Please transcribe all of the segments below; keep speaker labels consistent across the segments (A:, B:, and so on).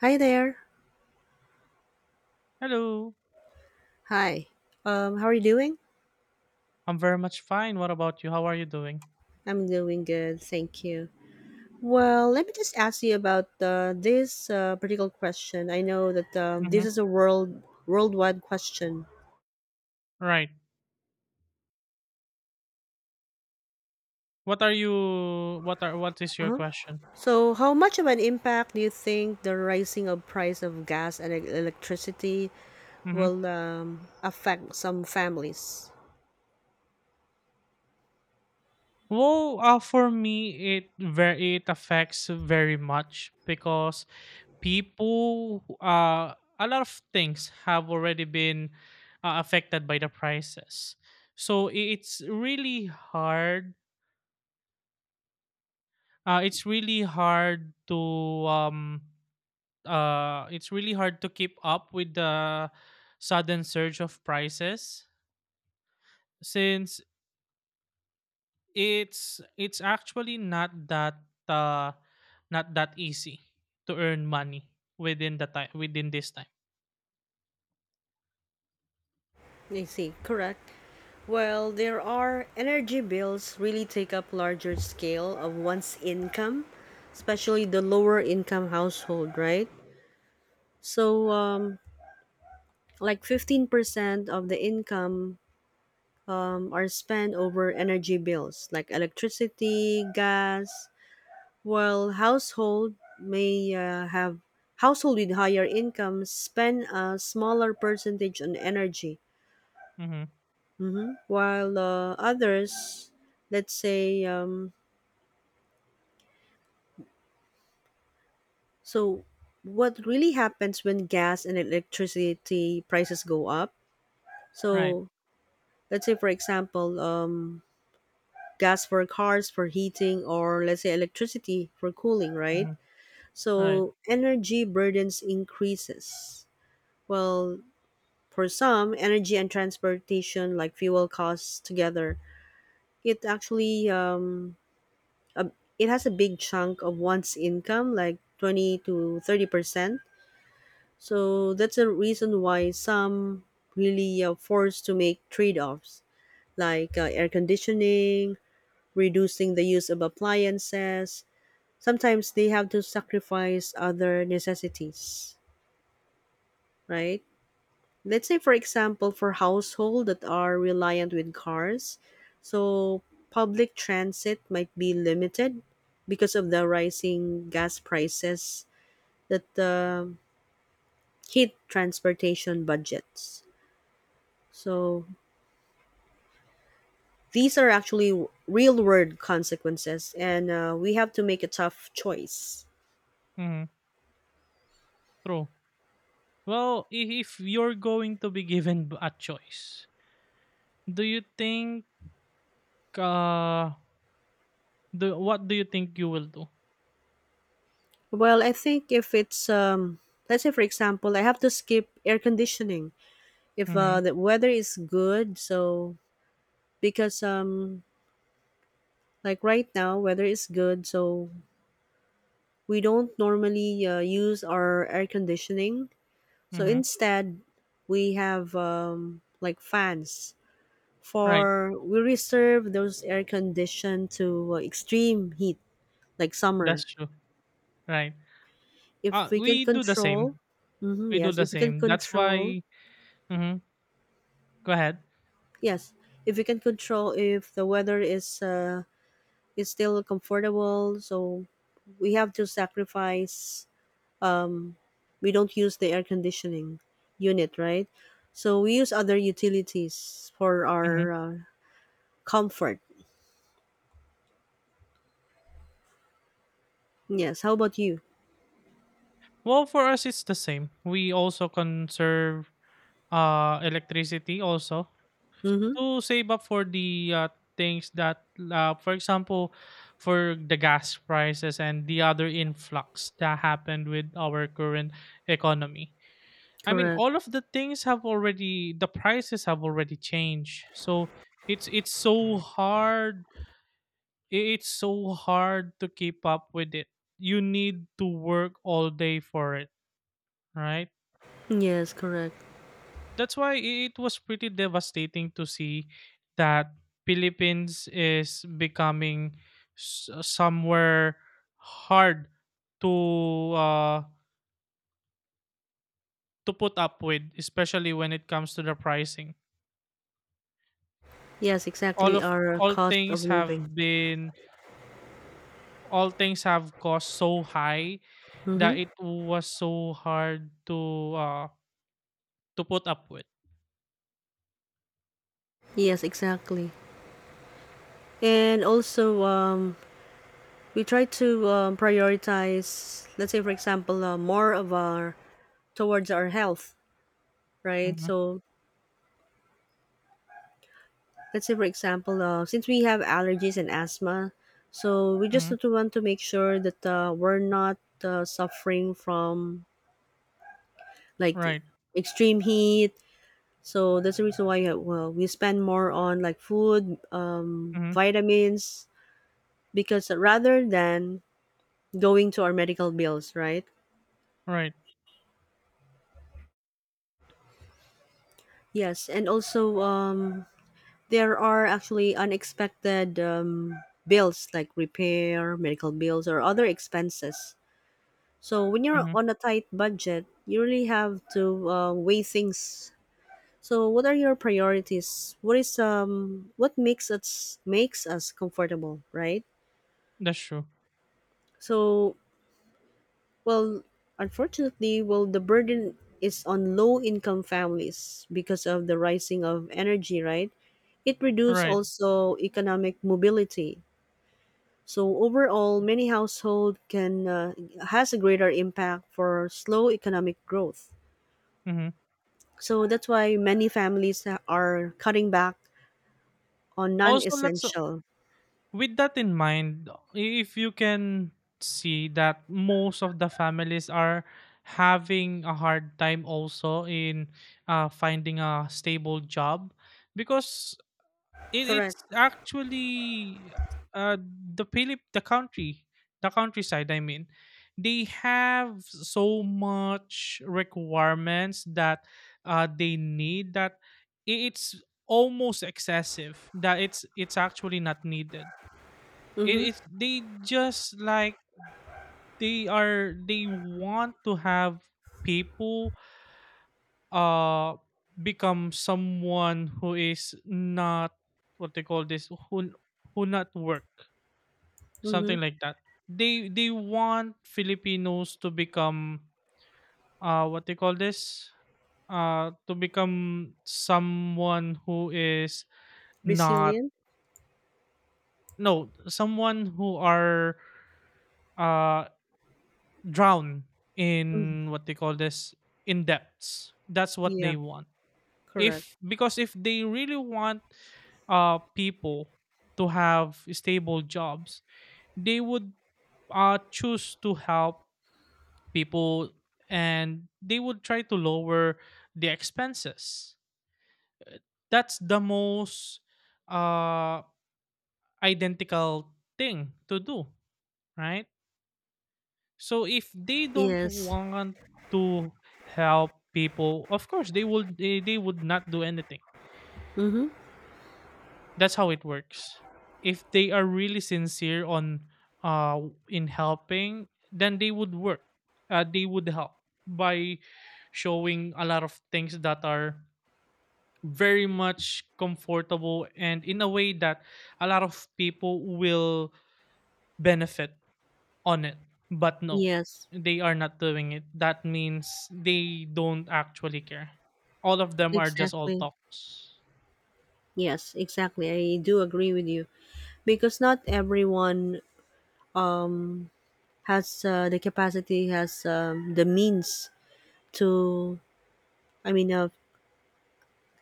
A: Hi there.
B: Hello.
A: Hi. How are you doing?
B: I'm very much fine. What about you? How are you doing?
A: I'm doing good, thank you. Well, let me just ask you about this particular question. I know that
B: Mm-hmm.
A: this is a worldwide question.
B: Right. What are you? What are? What is your
A: Uh-huh.
B: question?
A: So, how much of an impact do you think the rising of price of gas and electricity
B: Mm-hmm.
A: will affect some families?
B: Well, for me, it affects very much because people, a lot of things have already been affected by the prices. So it's really hard. It's really hard to um it's really hard to keep up with the sudden surge of prices since it's actually not that uh, not that easy to earn money within this time.
A: I see, correct. Well, there are energy bills really take up larger scale of one's income, especially the lower income household, right? So, like 15% of the income are spent over energy bills, like electricity, gas. While household may have household with higher incomes spend a smaller percentage on energy.
B: Mm-hmm.
A: Mhm. While others, let's say, so what really happens when gas and electricity prices go up?
B: Right.
A: So let's say, for example, gas for cars for heating, or let's say electricity for cooling, right?
B: Mm-hmm. Right.
A: So energy burdens increases. Well, for some, energy and transportation, like fuel costs together, it actually a, it has a big chunk of one's income, like 20 to 30%. So that's a reason why some really are forced to make trade offs, like air conditioning, reducing the use of appliances. Sometimes they have to sacrifice other necessities, right? Let's say, for example, for household that are reliant with cars, so public transit might be limited because of the rising gas prices that hit transportation budgets, so these are actually real world consequences and we have to make a tough choice.
B: Mm-hmm. True. Well, if you're going to be given a choice, do you think uh do what do you think you will do?
A: Well, I think if it's, let's say, for example, I have to skip air conditioning if
B: Mm-hmm.
A: the weather is good, so because like right now weather is good, so we don't normally use our air conditioning, so
B: Mm-hmm.
A: instead we have like fans,
B: Right.
A: for we reserve those air condition to extreme heat like
B: That's
A: summer
B: true. Right. Uh,
A: if we can
B: we do the
A: control.
B: same.
A: Hmm,
B: We do
A: yes,
B: the
A: if we can
B: same. That's
A: control.
B: why mhm, go ahead.
A: Yes, if we can control if the weather is still comfortable, so we have to sacrifice, we don't use the air conditioning unit, right? So we use other utilities for
B: Mhm.
A: our comfort. Yes. How about you?
B: Well, for us it's the same. We also conserve uh, electricity also
A: Mm-hmm.
B: to save up for the things that for example for the gas prices and the other influx that happened with our current economy. I mean,
A: Correct.
B: all of the things have already the prices have already changed. So it's so hard it's so hard to keep up with it. You need to work all day for it, right?
A: Yes. Correct.
B: That's why it was pretty devastating to see that Philippines is becoming somewhere hard to uh, to put up with, especially when it comes to the pricing.
A: Yes.
B: All
A: Exactly.
B: of
A: Our
B: all
A: cost of
B: things
A: living.
B: have been all things have cost so high that
A: Mm-hmm.
B: it was so hard to uh, to put up with.
A: Yes. Exactly. And also, we try to prioritize. Let's say, for example, more of our towards our health, right?
B: Mhm,
A: So let's say, for example, since we have allergies and asthma, so we just
B: mhm,
A: need to want to make sure that we're not suffering from like the
B: right,
A: extreme heat, so that's the reason why well we spend more on like food,
B: mhm,
A: vitamins, because rather than going to our medical bills, right?
B: right,
A: Yes, and also there are actually unexpected bills like repair medical bills or other expenses. So when you're
B: mhm,
A: on a tight budget, you really have to weigh things. So what are your priorities? What makes us comfortable, right?
B: that's true,
A: So, well, unfortunately, well, the burden is on low income families because of the rising of energy, right? It reduces
B: right,
A: also economic mobility. So overall, many household can, has a greater impact for slow economic growth.
B: mhm.
A: So that's why many families are cutting back on
B: Also, let's
A: non-essential.
B: with that in mind, if you can see that most of the families are having a hard time also in finding a stable job because
A: Correct.
B: it's actually uh, the country, the countryside I mean, they have so much requirements that they need that it's almost excessive that it's actually not needed. It
A: Mhm.
B: is, they just like, they are, they want to have people uh become someone who is not what they call this, who not work,
A: Mhm.
B: something like that. They want Filipinos to become what they call this, to become someone who is not,
A: Resilient.
B: no, someone who are uh drown
A: Mhm.
B: in what they call this, in debts. That's what
A: Yeah.
B: they want.
A: Correct.
B: If Because if they really want people to have stable jobs, they would choose to help people, and they would try to lower the expenses. Uh, That's the most uh identical thing to do, right? So if they don't
A: Yes.
B: want to help people, of course they would they would not do anything.
A: Mhm.
B: That's how it works. If they are really sincere on uh in helping, then they would work. They would help by showing a lot of things that are very much comfortable and in a way that a lot of people will benefit on it. But no,
A: Yes.
B: they are not doing it. That means they don't actually care. All of them are just all
A: Exactly.
B: talks.
A: Yes. Exactly. I do agree with you, because not everyone um has the capacity, has the means to. I mean,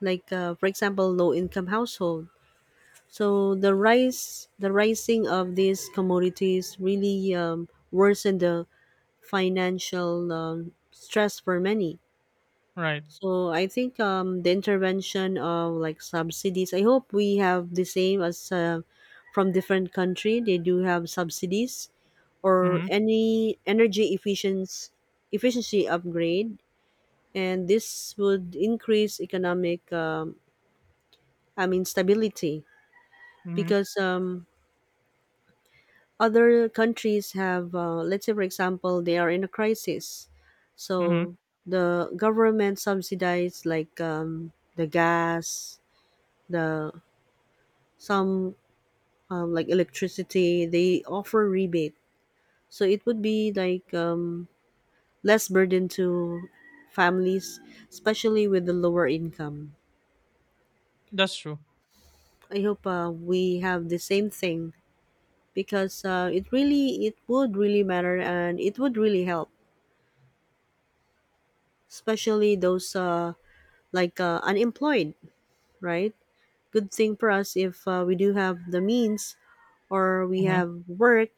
A: like, for example, low-income household. So the rising of these commodities really worsened the financial stress for many.
B: Right.
A: So I think the intervention of like subsidies. I hope we have the same as, from different country. They do have subsidies or
B: Mm-hmm.
A: any energy efficiency upgrade, and this would increase economic. I mean stability,
B: Mm-hmm.
A: because other countries have, let's say for example, they are in a crisis,
B: Mm-hmm.
A: so the government subsidizes like, the gas, the some like electricity, they offer rebate, so it would be like, less burden to families, especially with the lower income.
B: That's true.
A: I hope we have the same thing, because it really, it would really matter, and it would really help, especially those like, unemployed, right? Good thing for us if we do have the means or we
B: Mm-hmm.
A: have work,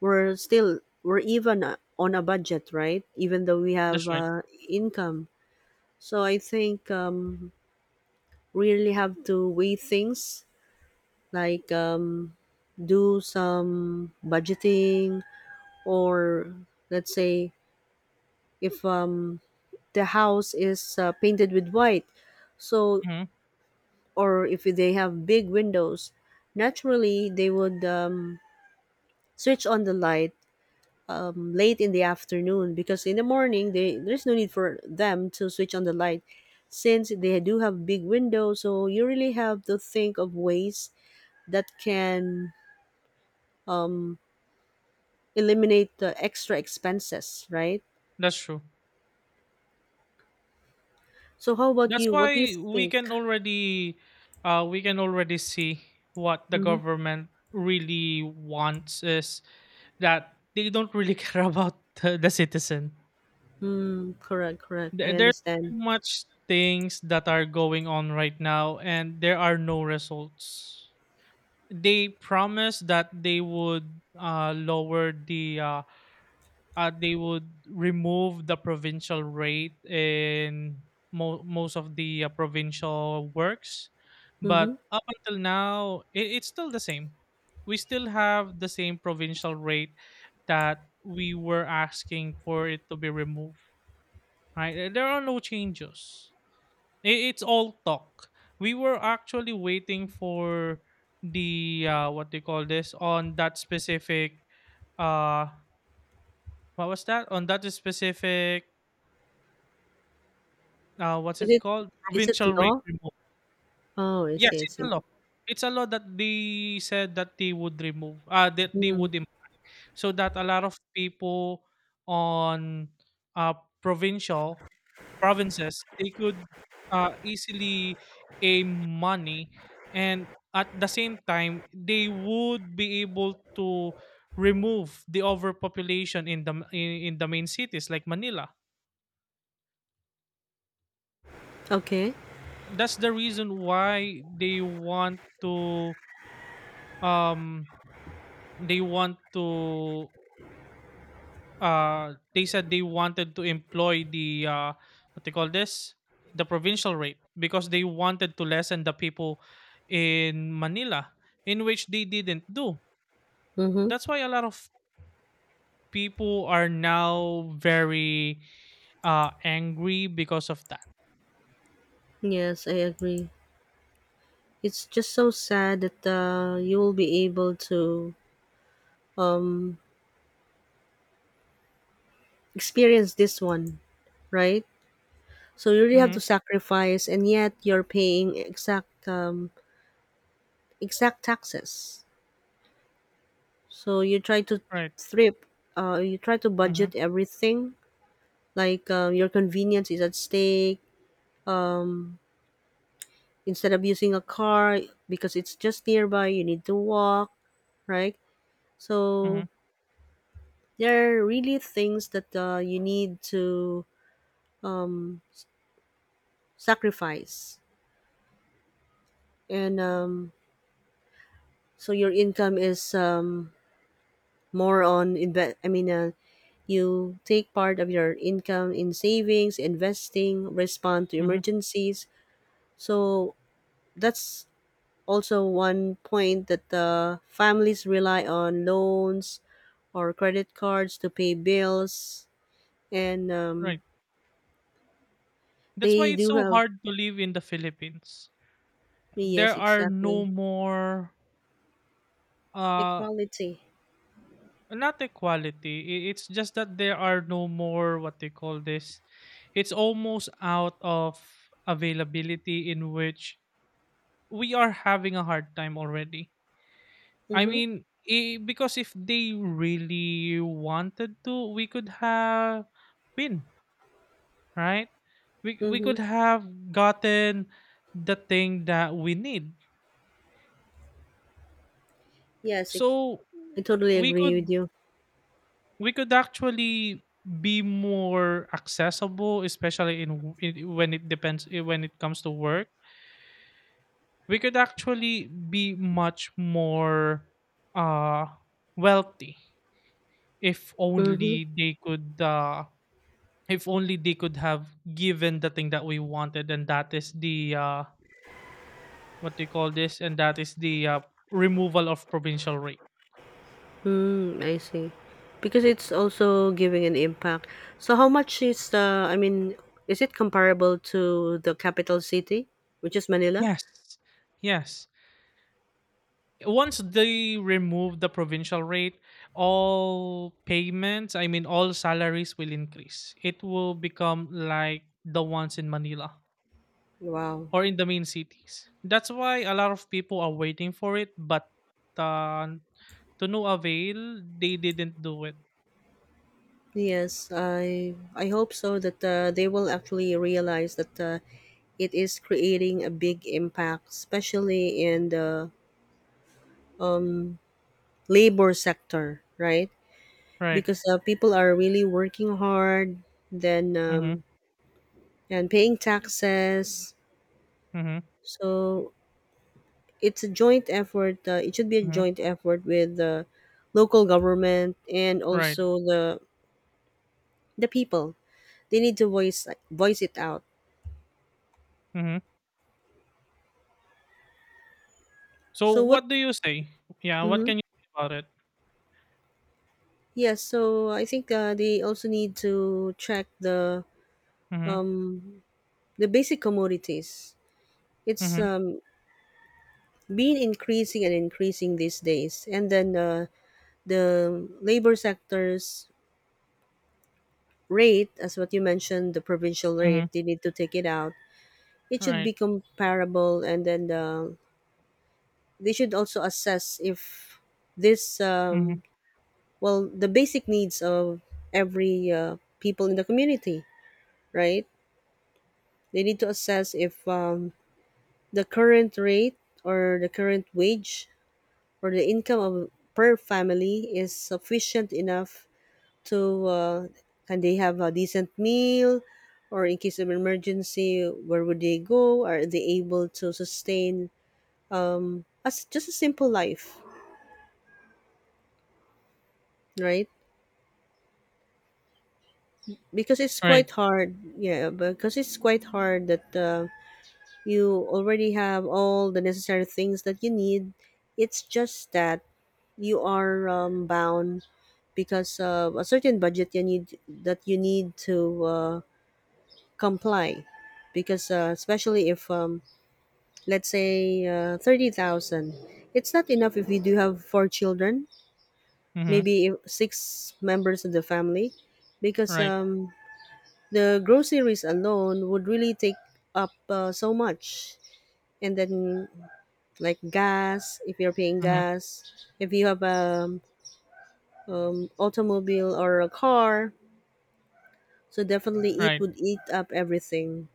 A: we're even on a budget, right? Even though we have
B: That's right.
A: income. So I think we really have to weigh things, like, do some budgeting, or let's say if the house is painted with white, so,
B: Mm-hmm.
A: or if they have big windows, naturally they would switch on the light late in the afternoon, because in the morning they there's no need for them to switch on the light, since they do have big windows. So you really have to think of ways that can um, eliminate the extra expenses, right?
B: That's true.
A: So how about
B: That's
A: you? What do you
B: why
A: think?
B: we can already see what the
A: Mm-hmm.
B: government really wants is that they don't really care about the citizen.
A: Mm, correct, correct. I
B: There's so
A: understand.
B: much things that are going on right now and there are no results. They promised that they would lower the they would remove the provincial rate in most of the provincial works.
A: Mm-hmm.
B: But up until now, it's still the same. We still have the same provincial rate that we were asking for it to be removed. Right? There are no changes. It's all talk. We were actually waiting for the what they call this on that specific uh what was that on that specific what's
A: Is
B: it
A: it
B: called?
A: is it
B: Provincial rate
A: law?
B: remove.
A: Oh, I
B: Yes,
A: see, I
B: it's a
A: see.
B: law. It's a law that they said that they would remove, that they
A: Mm.
B: would, so that a lot of people on uh, provincial provinces they could easily aim money, and at the same time they would be able to remove the overpopulation in the in the main cities like Manila.
A: Okay.
B: That's the reason why they want to um they want to they said they wanted to employ the what they call this, the provincial rate because they wanted to lessen the people in Manila, in which they didn't do.
A: Mm-hmm.
B: That's why a lot of people are now very angry because of that.
A: Yes, I agree. It's just so sad that you will be able to um, experience this one, right? So you really have
B: Mm-hmm.
A: to sacrifice, and yet you're paying exact, exact taxes. So you try to
B: Right.
A: thrip. You try to
B: Mm-hmm.
A: budget everything. Like, your convenience is at stake. Um, instead of using a car, because it's just nearby, you need to walk, right?
B: Mm-hmm.
A: So there are really things that you need to um, sacrifice, and so your income is, more on invest I mean, you take part of your income in savings, investing, respond to
B: Mm-hmm.
A: emergencies, so that's also one point that families rely on loans or credit cards to pay bills and
B: Right. That's why
A: they
B: it's
A: do
B: so
A: have,
B: hard to live in the Philippines. There
A: yes,
B: are no
A: exactly,
B: more. Uh,
A: equality.
B: not equality. It's just that there are no more what they call this. It's almost out of availability in which we are having a hard time already. I
A: Mhm,
B: mean, I because if they really wanted to, we could have win, right? We
A: mhm.
B: could have gotten the thing that we need.
A: Yes, I,
B: So
A: I totally
B: we
A: agree with
B: could,
A: you.
B: we could actually be more accessible, especially in when when it comes to work, we could actually be much more uh wealthy if
A: Mhm.
B: only they could if only they could have given the thing that we wanted, and that is the what they call this, and that is the removal of provincial rate.
A: Mm, I see. Because it's also giving an impact. So how much is the I mean, is it comparable to the capital city, which is Manila?
B: Yes, yes, once they remove the provincial rate, all payments, I mean all salaries will increase. It will become like the ones in Manila
A: Wow.
B: or in the main cities. That's why a lot of people are waiting for it, but uh, to no avail, they didn't do it.
A: Yes, I hope so that they will actually realize that it is creating a big impact, especially in the labor sector, right?
B: Right.
A: Because people are really working hard. Then,
B: Mhm.
A: and paying taxes.
B: Mhm.
A: So it's a joint effort. It should be a
B: Mhm.
A: joint effort with the local government and
B: Right.
A: also the people. They need to voice it out.
B: Mhm. So
A: So what?
B: what do you say? Yeah, what
A: Mm-hmm.
B: can you say about it?
A: Yes. So I think they also need to track
B: Mhm.
A: um, the basic commodities. It's
B: Mhm.
A: been increasing and increasing these days, and then the labor sectors rate, as what you mentioned, the provincial
B: Mhm.
A: rate, they need to take it out. It should
B: Right.
A: be comparable, and then they should also assess if this,
B: Mhm.
A: well, the basic needs of every people in the community, right? They need to assess if the current rate or the current wage or the income of per family is sufficient enough. So can they have a decent meal, or in case of emergency, where would they go? Are they able to sustain as just a simple life, right? Because it's
B: Right.
A: quite hard, yeah. Because it's quite hard that you already have all the necessary things that you need. It's just that you are bound because of a certain budget you need to comply, because especially if let's say 30,000. It's not enough if you do have four children,
B: Mhm.
A: maybe six members of the family, because
B: Right.
A: the groceries alone would really take up so much. And then, like gas, if you're paying
B: Mhm.
A: gas, if you have a, automobile or a car, so definitely it
B: Right.
A: would eat up everything.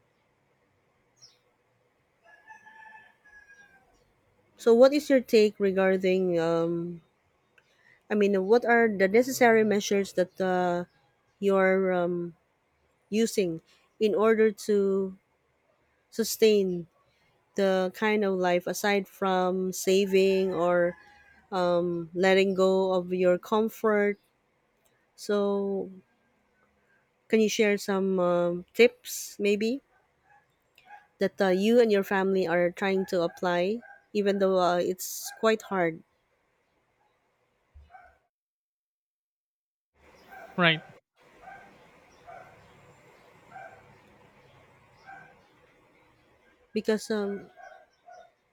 A: So, what is your take regarding, I mean, what are the necessary measures that you're using in order to sustain the kind of life, aside from saving or letting go of your comfort? So, can you share some tips maybe that you and your family are trying to apply, even though it's quite hard?
B: Right.
A: Because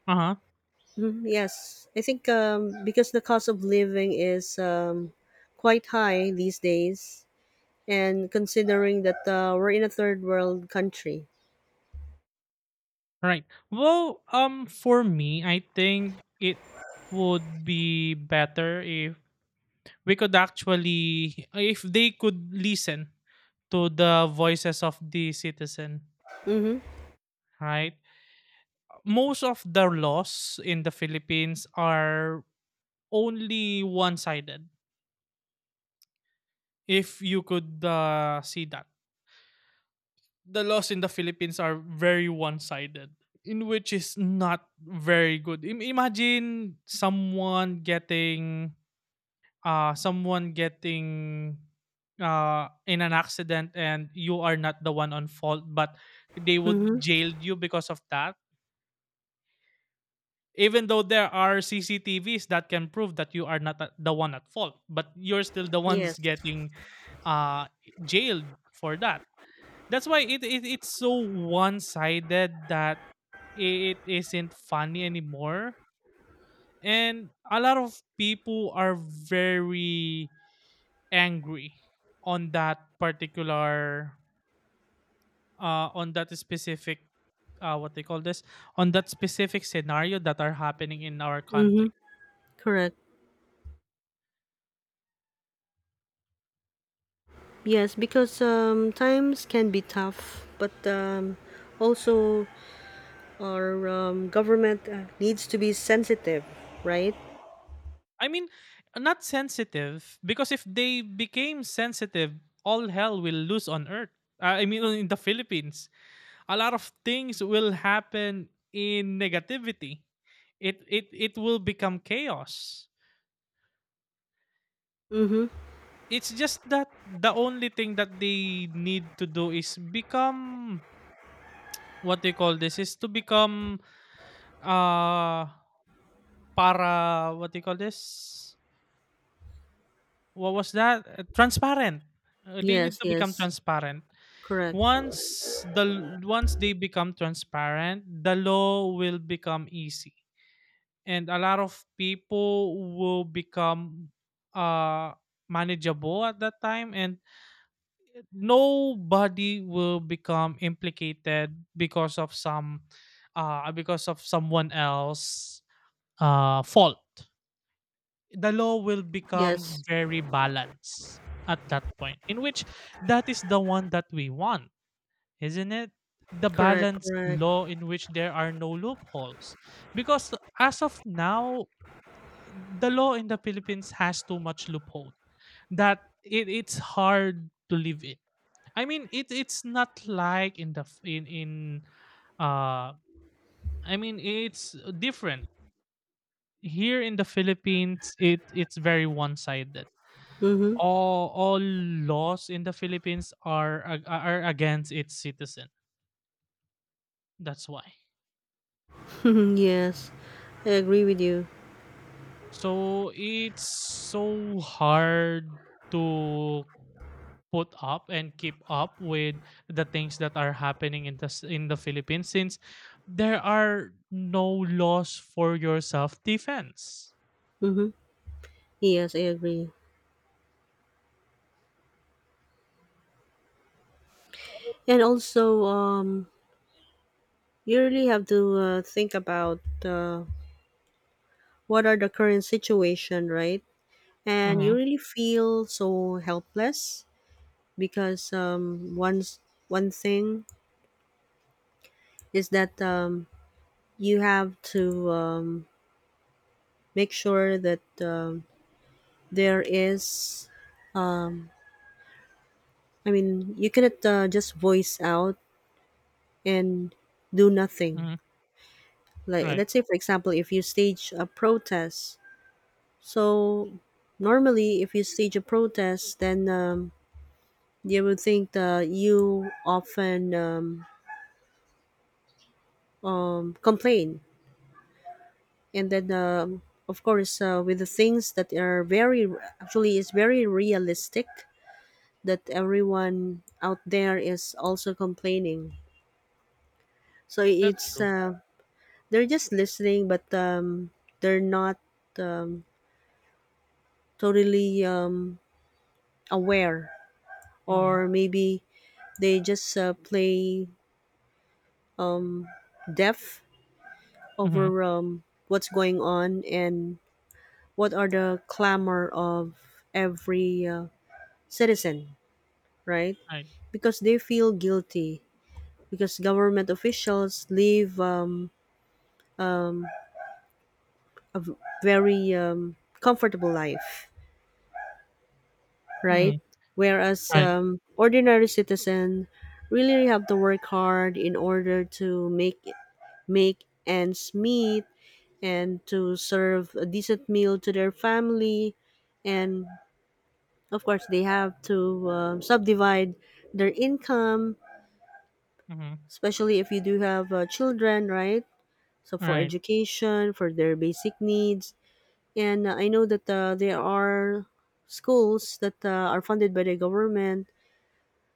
B: Uh-huh.
A: Mhm. Yes, I think because the cost of living is quite high these days, and considering that we're in a third world country.
B: Right. Well, for me, I think it would be better if we could actually if they could listen to the voices of the citizen,
A: Mm-hmm.
B: right? Most of the laws in the Philippines are only one-sided. If you could see that. The laws in the Philippines are very one-sided, in which is not very good. Imagine someone getting uh, someone getting in an accident and you are not the one on fault, but they would
A: Mm-hmm.
B: jail you because of that. Even though there are CCTVs that can prove that you are not the one at fault, but you're still the
A: Yes.
B: ones getting uh, jailed for that. That's why it's so one sided that it isn't funny anymore. And a lot of people are very angry on that particular on that specific what they call this on that specific scenario that are happening in our
A: Mm-hmm.
B: country.
A: Correct. Yes, because times can be tough, but also our government needs to be sensitive, right?
B: i mean Not sensitive because if they became sensitive, all hell will loose on earth. I mean in the philippines, a lot of things will happen in negativity. It it will become chaos.
A: Mm-hmm.
B: It's just that the only thing that they need to do is become what they call this is to become uh para what they call this? What was that? Transparent. They need
A: Yes.
B: to become
A: Yes.
B: transparent.
A: Correct.
B: Once the Once they become transparent, the law will become easy and a lot of people will become uh manageable at that time, and nobody will become implicated because of some because of someone else fault. The law will
A: Yes.
B: become very balanced at that point, in which that is the one that we want, isn't it, the
A: Correct.
B: balanced
A: Correct.
B: law in which there are no loopholes. Because as of now, the law in the Philippines has too much loophole that it's hard to live in. I mean, it's not like in the f- in uh I mean it's different here in the Philippines. It's very one sided.
A: Mm-hmm.
B: All laws in the Philippines are are against its citizen. That's why.
A: Yes, I agree with you.
B: So it's so hard to put up and keep up with the things that are happening in the in the Philippines, since there are no laws for your self defense.
A: Mm-hmm. Yes, I agree. And also, you really have to think about what are the current situation, right? And you
B: Mhm.
A: really feel so helpless, because once one thing is that you have to make sure that there is. I mean, you cannot just voice out and do nothing.
B: Mhm.
A: Like,
B: Right.
A: let's say, for example, if you stage a protest. So normally, if you stage a protest, then they will think that you often complain, and then of course with the things that are very, actually is very realistic, that everyone out there is also complaining. So
B: That's
A: it's,
B: true.
A: they're just listening, but they're not um, totally aware,
B: Mhm.
A: or maybe they just play, um, depth
B: Mhm.
A: over what's going on and what are the clamor of every citizen, right?
B: Right.
A: Because they feel guilty, because government officials live a very comfortable life, right?
B: Mhm.
A: Whereas
B: Right.
A: ordinary citizen really have to work hard in order to make ends meet, and to serve a decent meal to their family, and of course they have to subdivide their income,
B: Mhm.
A: especially if you do have children, right? So for
B: Right.
A: education, for their basic needs, and I know that there are schools that are funded by the government,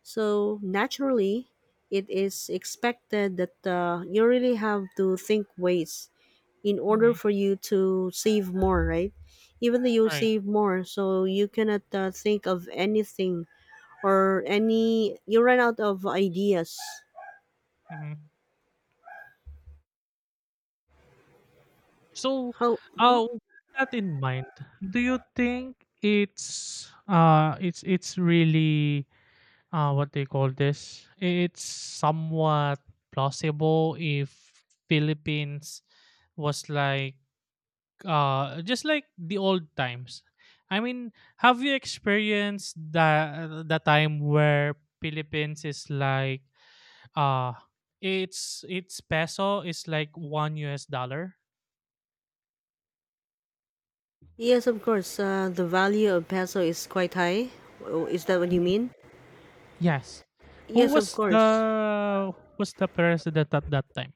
A: so naturally it is expected that you really have to think ways in order
B: Mhm.
A: for you to save more, right? Even though you
B: Right.
A: save more, so you cannot think of anything, or any, you run out of ideas.
B: Mhm. So,
A: How?
B: with that in mind, do you think it's really what they call this. It's somewhat plausible if Philippines was like just like the old times. I mean, have you experienced the time where Philippines is like uh it's its peso is like one US dollar?
A: Yes, of course. The value of peso is quite high. Oh, is that what you mean?
B: Yes. Who
A: Yes, of
B: was
A: course.
B: the who was the president at that time?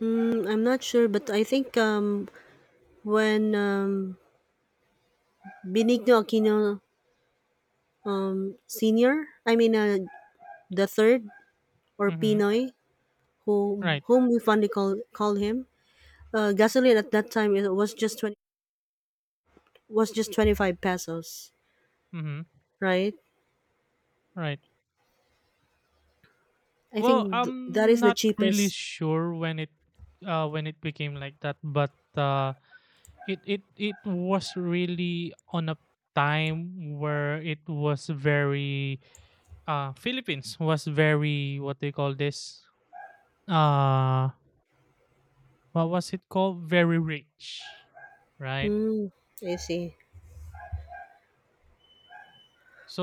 A: Mm, I'm not sure, but I think when Benigno Aquino, Senior, I mean, the third, or
B: Mm-hmm.
A: Pinoy,
B: Right.
A: whom we fondly call him, gasoline at that time it was just 20, was just 25 pesos,
B: Mm-hmm.
A: right?
B: Right.
A: I think
B: Well,
A: that
B: I'm
A: is the
B: not really
A: cheapest.
B: sure when it became like that, but uh it it was really on a time where it was very Philippines was very what they call this, uh what was it called? Very rich, right?
A: Hmm. I see.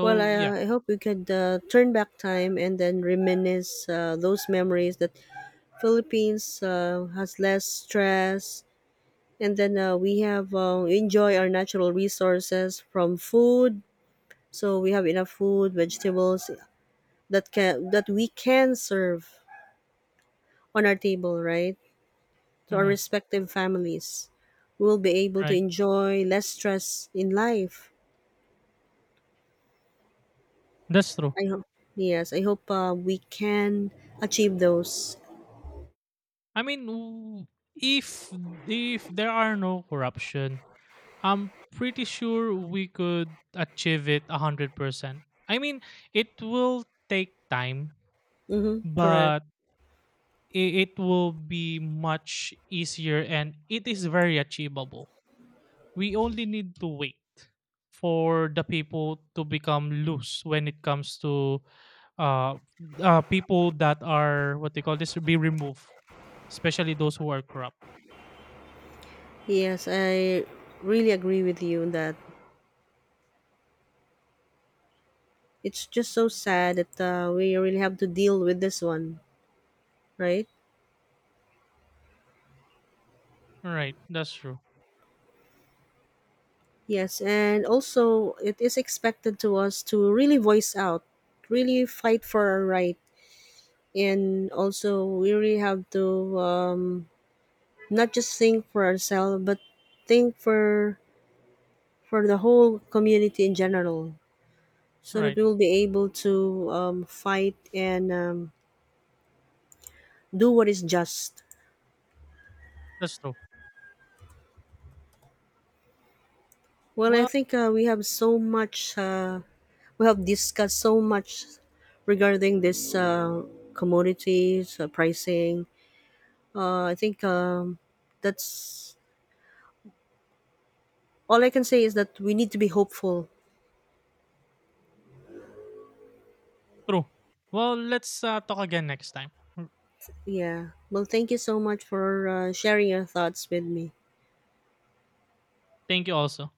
A: Well, i, uh,
B: yeah,
A: I hope we could turn back time and then reminisce those memories that Philippines has less stress, and then we have enjoy our natural resources from food, so we have enough food, vegetables, that we can serve on our table, right, to our
B: hmm,
A: respective families. We will be able to
B: right.
A: enjoy less stress in life.
B: That's true.
A: I hope, yes, I hope we can achieve those.
B: I mean, if if there are no corruption, I'm pretty sure we could achieve it 100%. I mean, it will take time,
A: Mm-hmm, correct.
B: but it will be much easier, and it is very achievable. We only need to wait for the people to become loose when it comes to uh, uh, people that are what they call this be removed, especially those who are corrupt.
A: Yes, I really agree with you on that. It's just so sad that we really have to deal with this one, right?
B: Right, that's true.
A: Yes, and also it is expected to us to really voice out, really fight for our right, and also we really have to not just think for ourselves, but think for the whole community in general, so that
B: Right,
A: we'll be able to fight and do what is just.
B: that's true.
A: Well, I
B: Well,
A: think we have so much. We have discussed so much regarding this commodities pricing. I think that's all I can say is that we need to be hopeful.
B: true. Well, let's talk again next time. Mm,
A: Yeah. Well, thank you so much for sharing your thoughts with me.
B: thank you also.